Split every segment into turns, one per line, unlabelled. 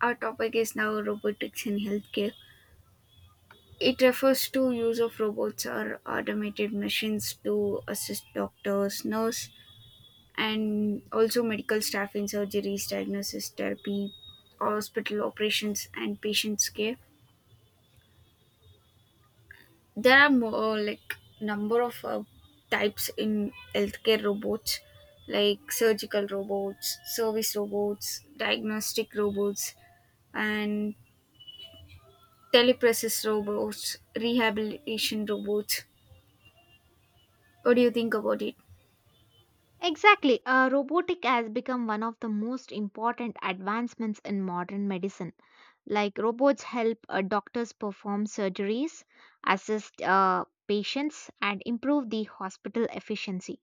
Our topic is now robotics in healthcare. It refers to use of robots or automated machines to assist doctors, nurse, and also medical staff in surgeries, diagnosis, therapy, hospital operations, and patients care. There are more like number of types in healthcare robots, like surgical robots, service robots, diagnostic robots, and telepresence robots, rehabilitation robots. What do you think about it?
Exactly, robotic has become one of the most important advancements in modern medicine. Like robots help doctors perform surgeries, assist patients, and improve the hospital efficiency.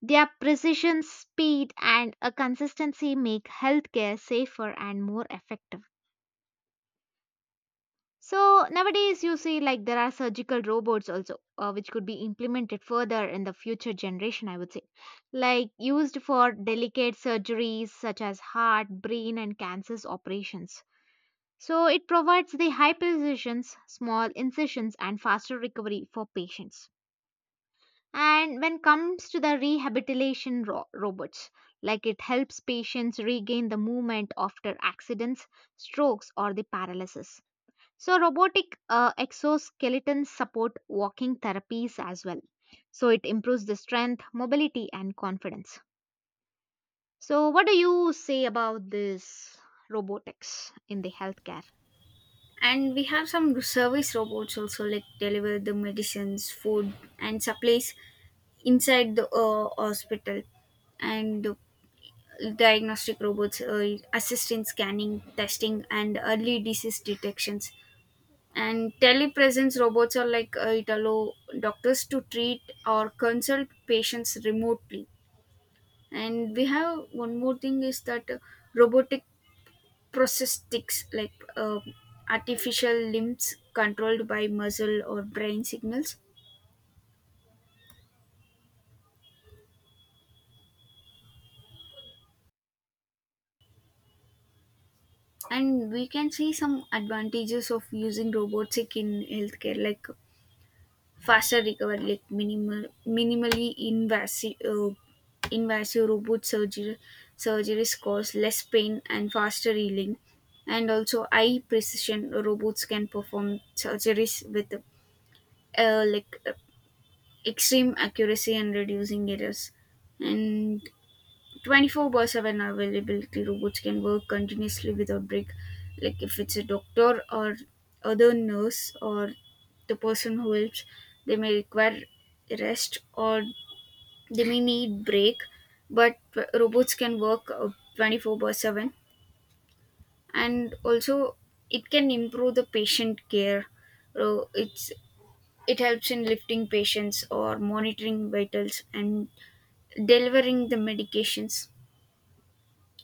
Their precision, speed, and a consistency make healthcare safer and more effective. So nowadays, you see, like there are surgical robots also, which could be implemented further in the future generation, I would say, like used for delicate surgeries such as heart, brain, and cancers operations. So it provides the high precisions, small incisions, and faster recovery for patients. And when comes to the rehabilitation robots, like it helps patients regain the movement after accidents, strokes, or the paralysis, so robotic exoskeletons support walking therapies as well. So, it improves the strength, mobility, and confidence. So, what do you say about this robotics in the healthcare?
And we have some service robots also, like deliver the medicines, food, and supplies inside the hospital, and diagnostic robots assist in scanning, testing, and early disease detections. And telepresence robots are like it allow doctors to treat or consult patients remotely. And we have one more thing is that robotic prosthetics like artificial limbs controlled by muscle or brain signals. And we can see some advantages of using robotic in healthcare, like faster recovery, like minimally invasive invasive robot surgery surgeries cause less pain and faster healing. And also, high precision: robots can perform surgeries with uh, like uh, extreme accuracy and reducing errors. And 24 by 7 availability: robots can work continuously without break. Like if it's a doctor or other nurse or the person who helps, they may require rest or they may need break, but robots can work 24 by 7. And also it can improve the patient care. So it's, it helps in lifting patients or monitoring vitals and delivering the medications.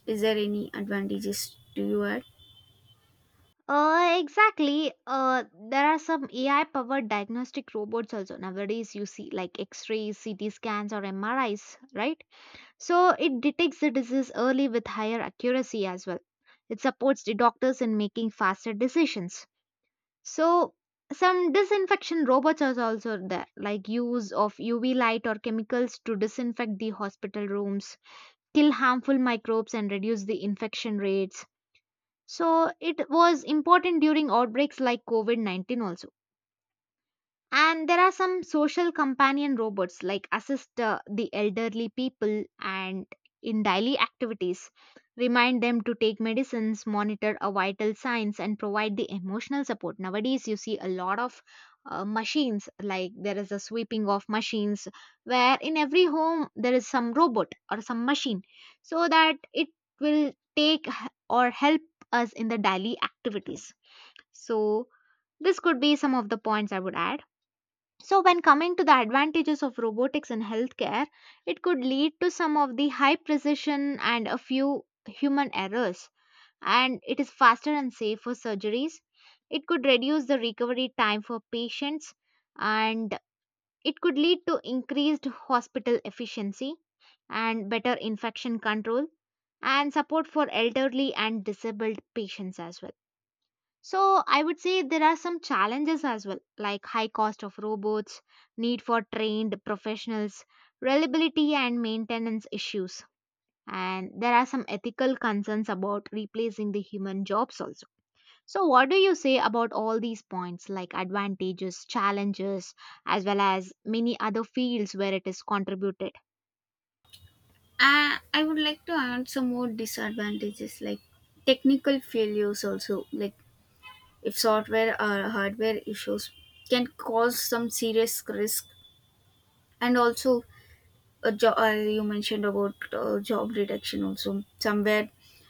Is there any advantages do you add?
Exactly. There are some AI powered diagnostic robots also nowadays. You see, like X rays, CT scans, or MRIs, right? So, it detects the disease early with higher accuracy as well. It supports the doctors in making faster decisions. So some disinfection robots are also there, like use of UV light or chemicals to disinfect the hospital rooms, kill harmful microbes and reduce the infection rates. So it was important during outbreaks like COVID-19 also. And there are some social companion robots like assist the elderly people and in daily activities, remind them to take medicines, monitor a vital signs, and provide the emotional support. Nowadays, you see a lot of machines like there is a sweeping of machines where in every home there is some robot or some machine so that it will take h- or help us in the daily activities. So, this could be some of the points I would add. So, when coming to the advantages of robotics in healthcare, it could lead to some of the high precision and a few human errors, and it is faster and safe for surgeries. It could reduce the recovery time for patients, and it could lead to increased hospital efficiency and better infection control and support for elderly and disabled patients as well. So I would say there are some challenges as well, like high cost of robots, need for trained professionals, reliability and maintenance issues. And there are some ethical concerns about replacing the human jobs also. So, what do you say about all these points, like advantages, challenges, as well as many other fields where it is contributed?
I would like to add some more disadvantages, like technical failures also, like if software or hardware issues can cause some serious risk. And also, a you mentioned about job reduction also somewhere,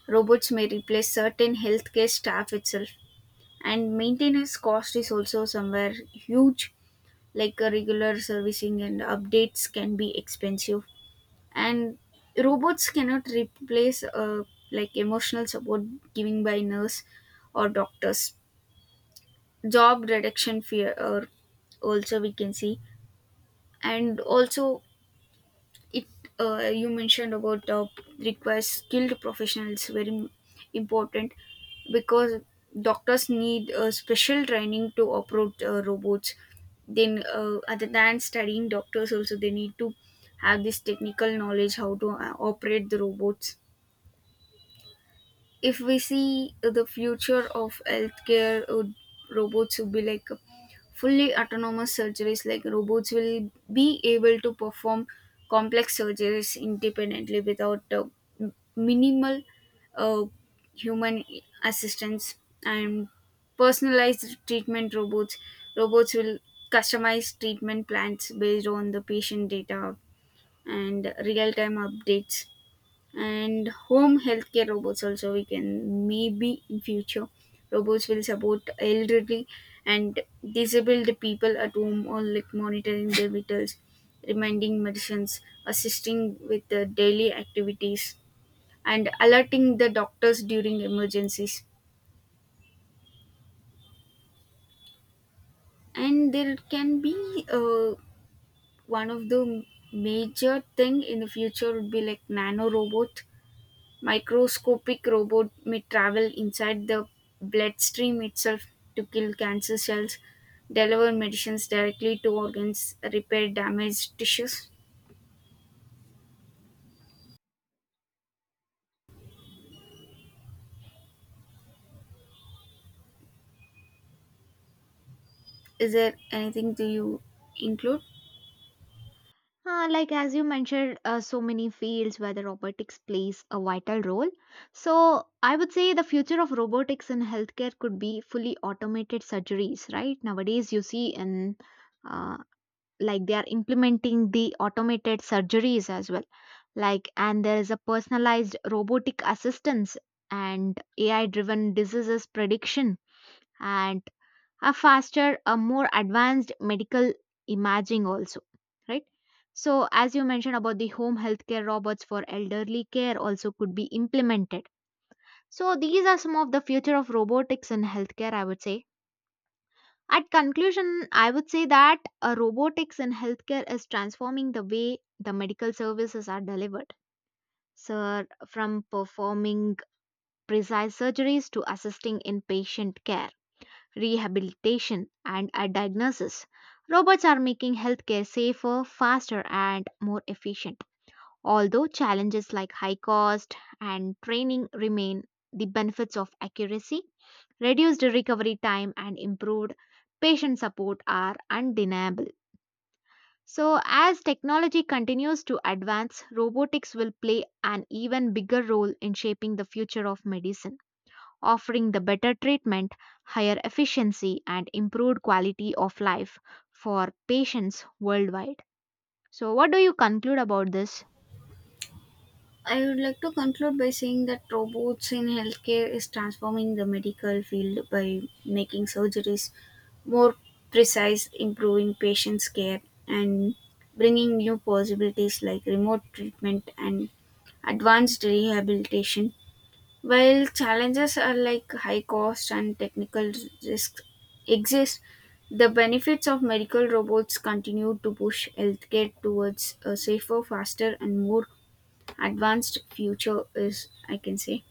robots may replace certain healthcare staff itself. And maintenance cost is also somewhere huge, like a regular servicing and updates can be expensive. And robots cannot replace like emotional support giving by nurse or doctors. Job reduction fear or also we can see. And also it, you mentioned about requires skilled professionals, very important, because doctors need special training to operate robots. Then other than studying, doctors also, they need to have this technical knowledge, how to operate the robots. If we see the future of healthcare, robots will be like fully autonomous surgeries, like robots will be able to perform complex surgeries independently without minimal uh, human assistance. And personalized treatment robots will customize treatment plans based on the patient data and real-time updates. And home healthcare robots also we can, maybe in future, robots will support elderly and disabled people at home, or like monitoring their vitals, reminding medicines, assisting with the daily activities, and alerting the doctors during emergencies. And there can be one of the major thing in the future would be like nano robot. Microscopic robot may travel inside the bloodstream itself to kill cancer cells, deliver medicines directly to organs, repair damaged tissues. Is there anything do you include?
Like as you mentioned, so many fields where the robotics plays a vital role. So I would say the future of robotics in healthcare could be fully automated surgeries, right? Nowadays, you see in uh, like they are implementing the automated surgeries as well. Like, and there is a personalized robotic assistance and AI-driven diseases prediction and a faster, a more advanced medical imaging also, right? So, as you mentioned about the home healthcare robots for elderly care also could be implemented. So, these are some of the future of robotics in healthcare, I would say. At conclusion, I would say that robotics in healthcare is transforming the way the medical services are delivered. So, from performing precise surgeries to assisting in patient care, rehabilitation, and a diagnosis. Robots are making healthcare safer, faster, and more efficient. Although challenges like high cost and training remain, the benefits of accuracy, reduced recovery time, and improved patient support are undeniable. So, as technology continues to advance, robotics will play an even bigger role in shaping the future of medicine, offering the better treatment, higher efficiency, and improved quality of life for patients worldwide. So, what do you conclude about this?
I would like to conclude by saying that robots in healthcare is transforming the medical field by making surgeries more precise, improving patients' care, and bringing new possibilities like remote treatment and advanced rehabilitation. While challenges are like high cost and technical risks exist, the benefits of medical robots continue to push healthcare towards a safer, faster, and more advanced future is I can say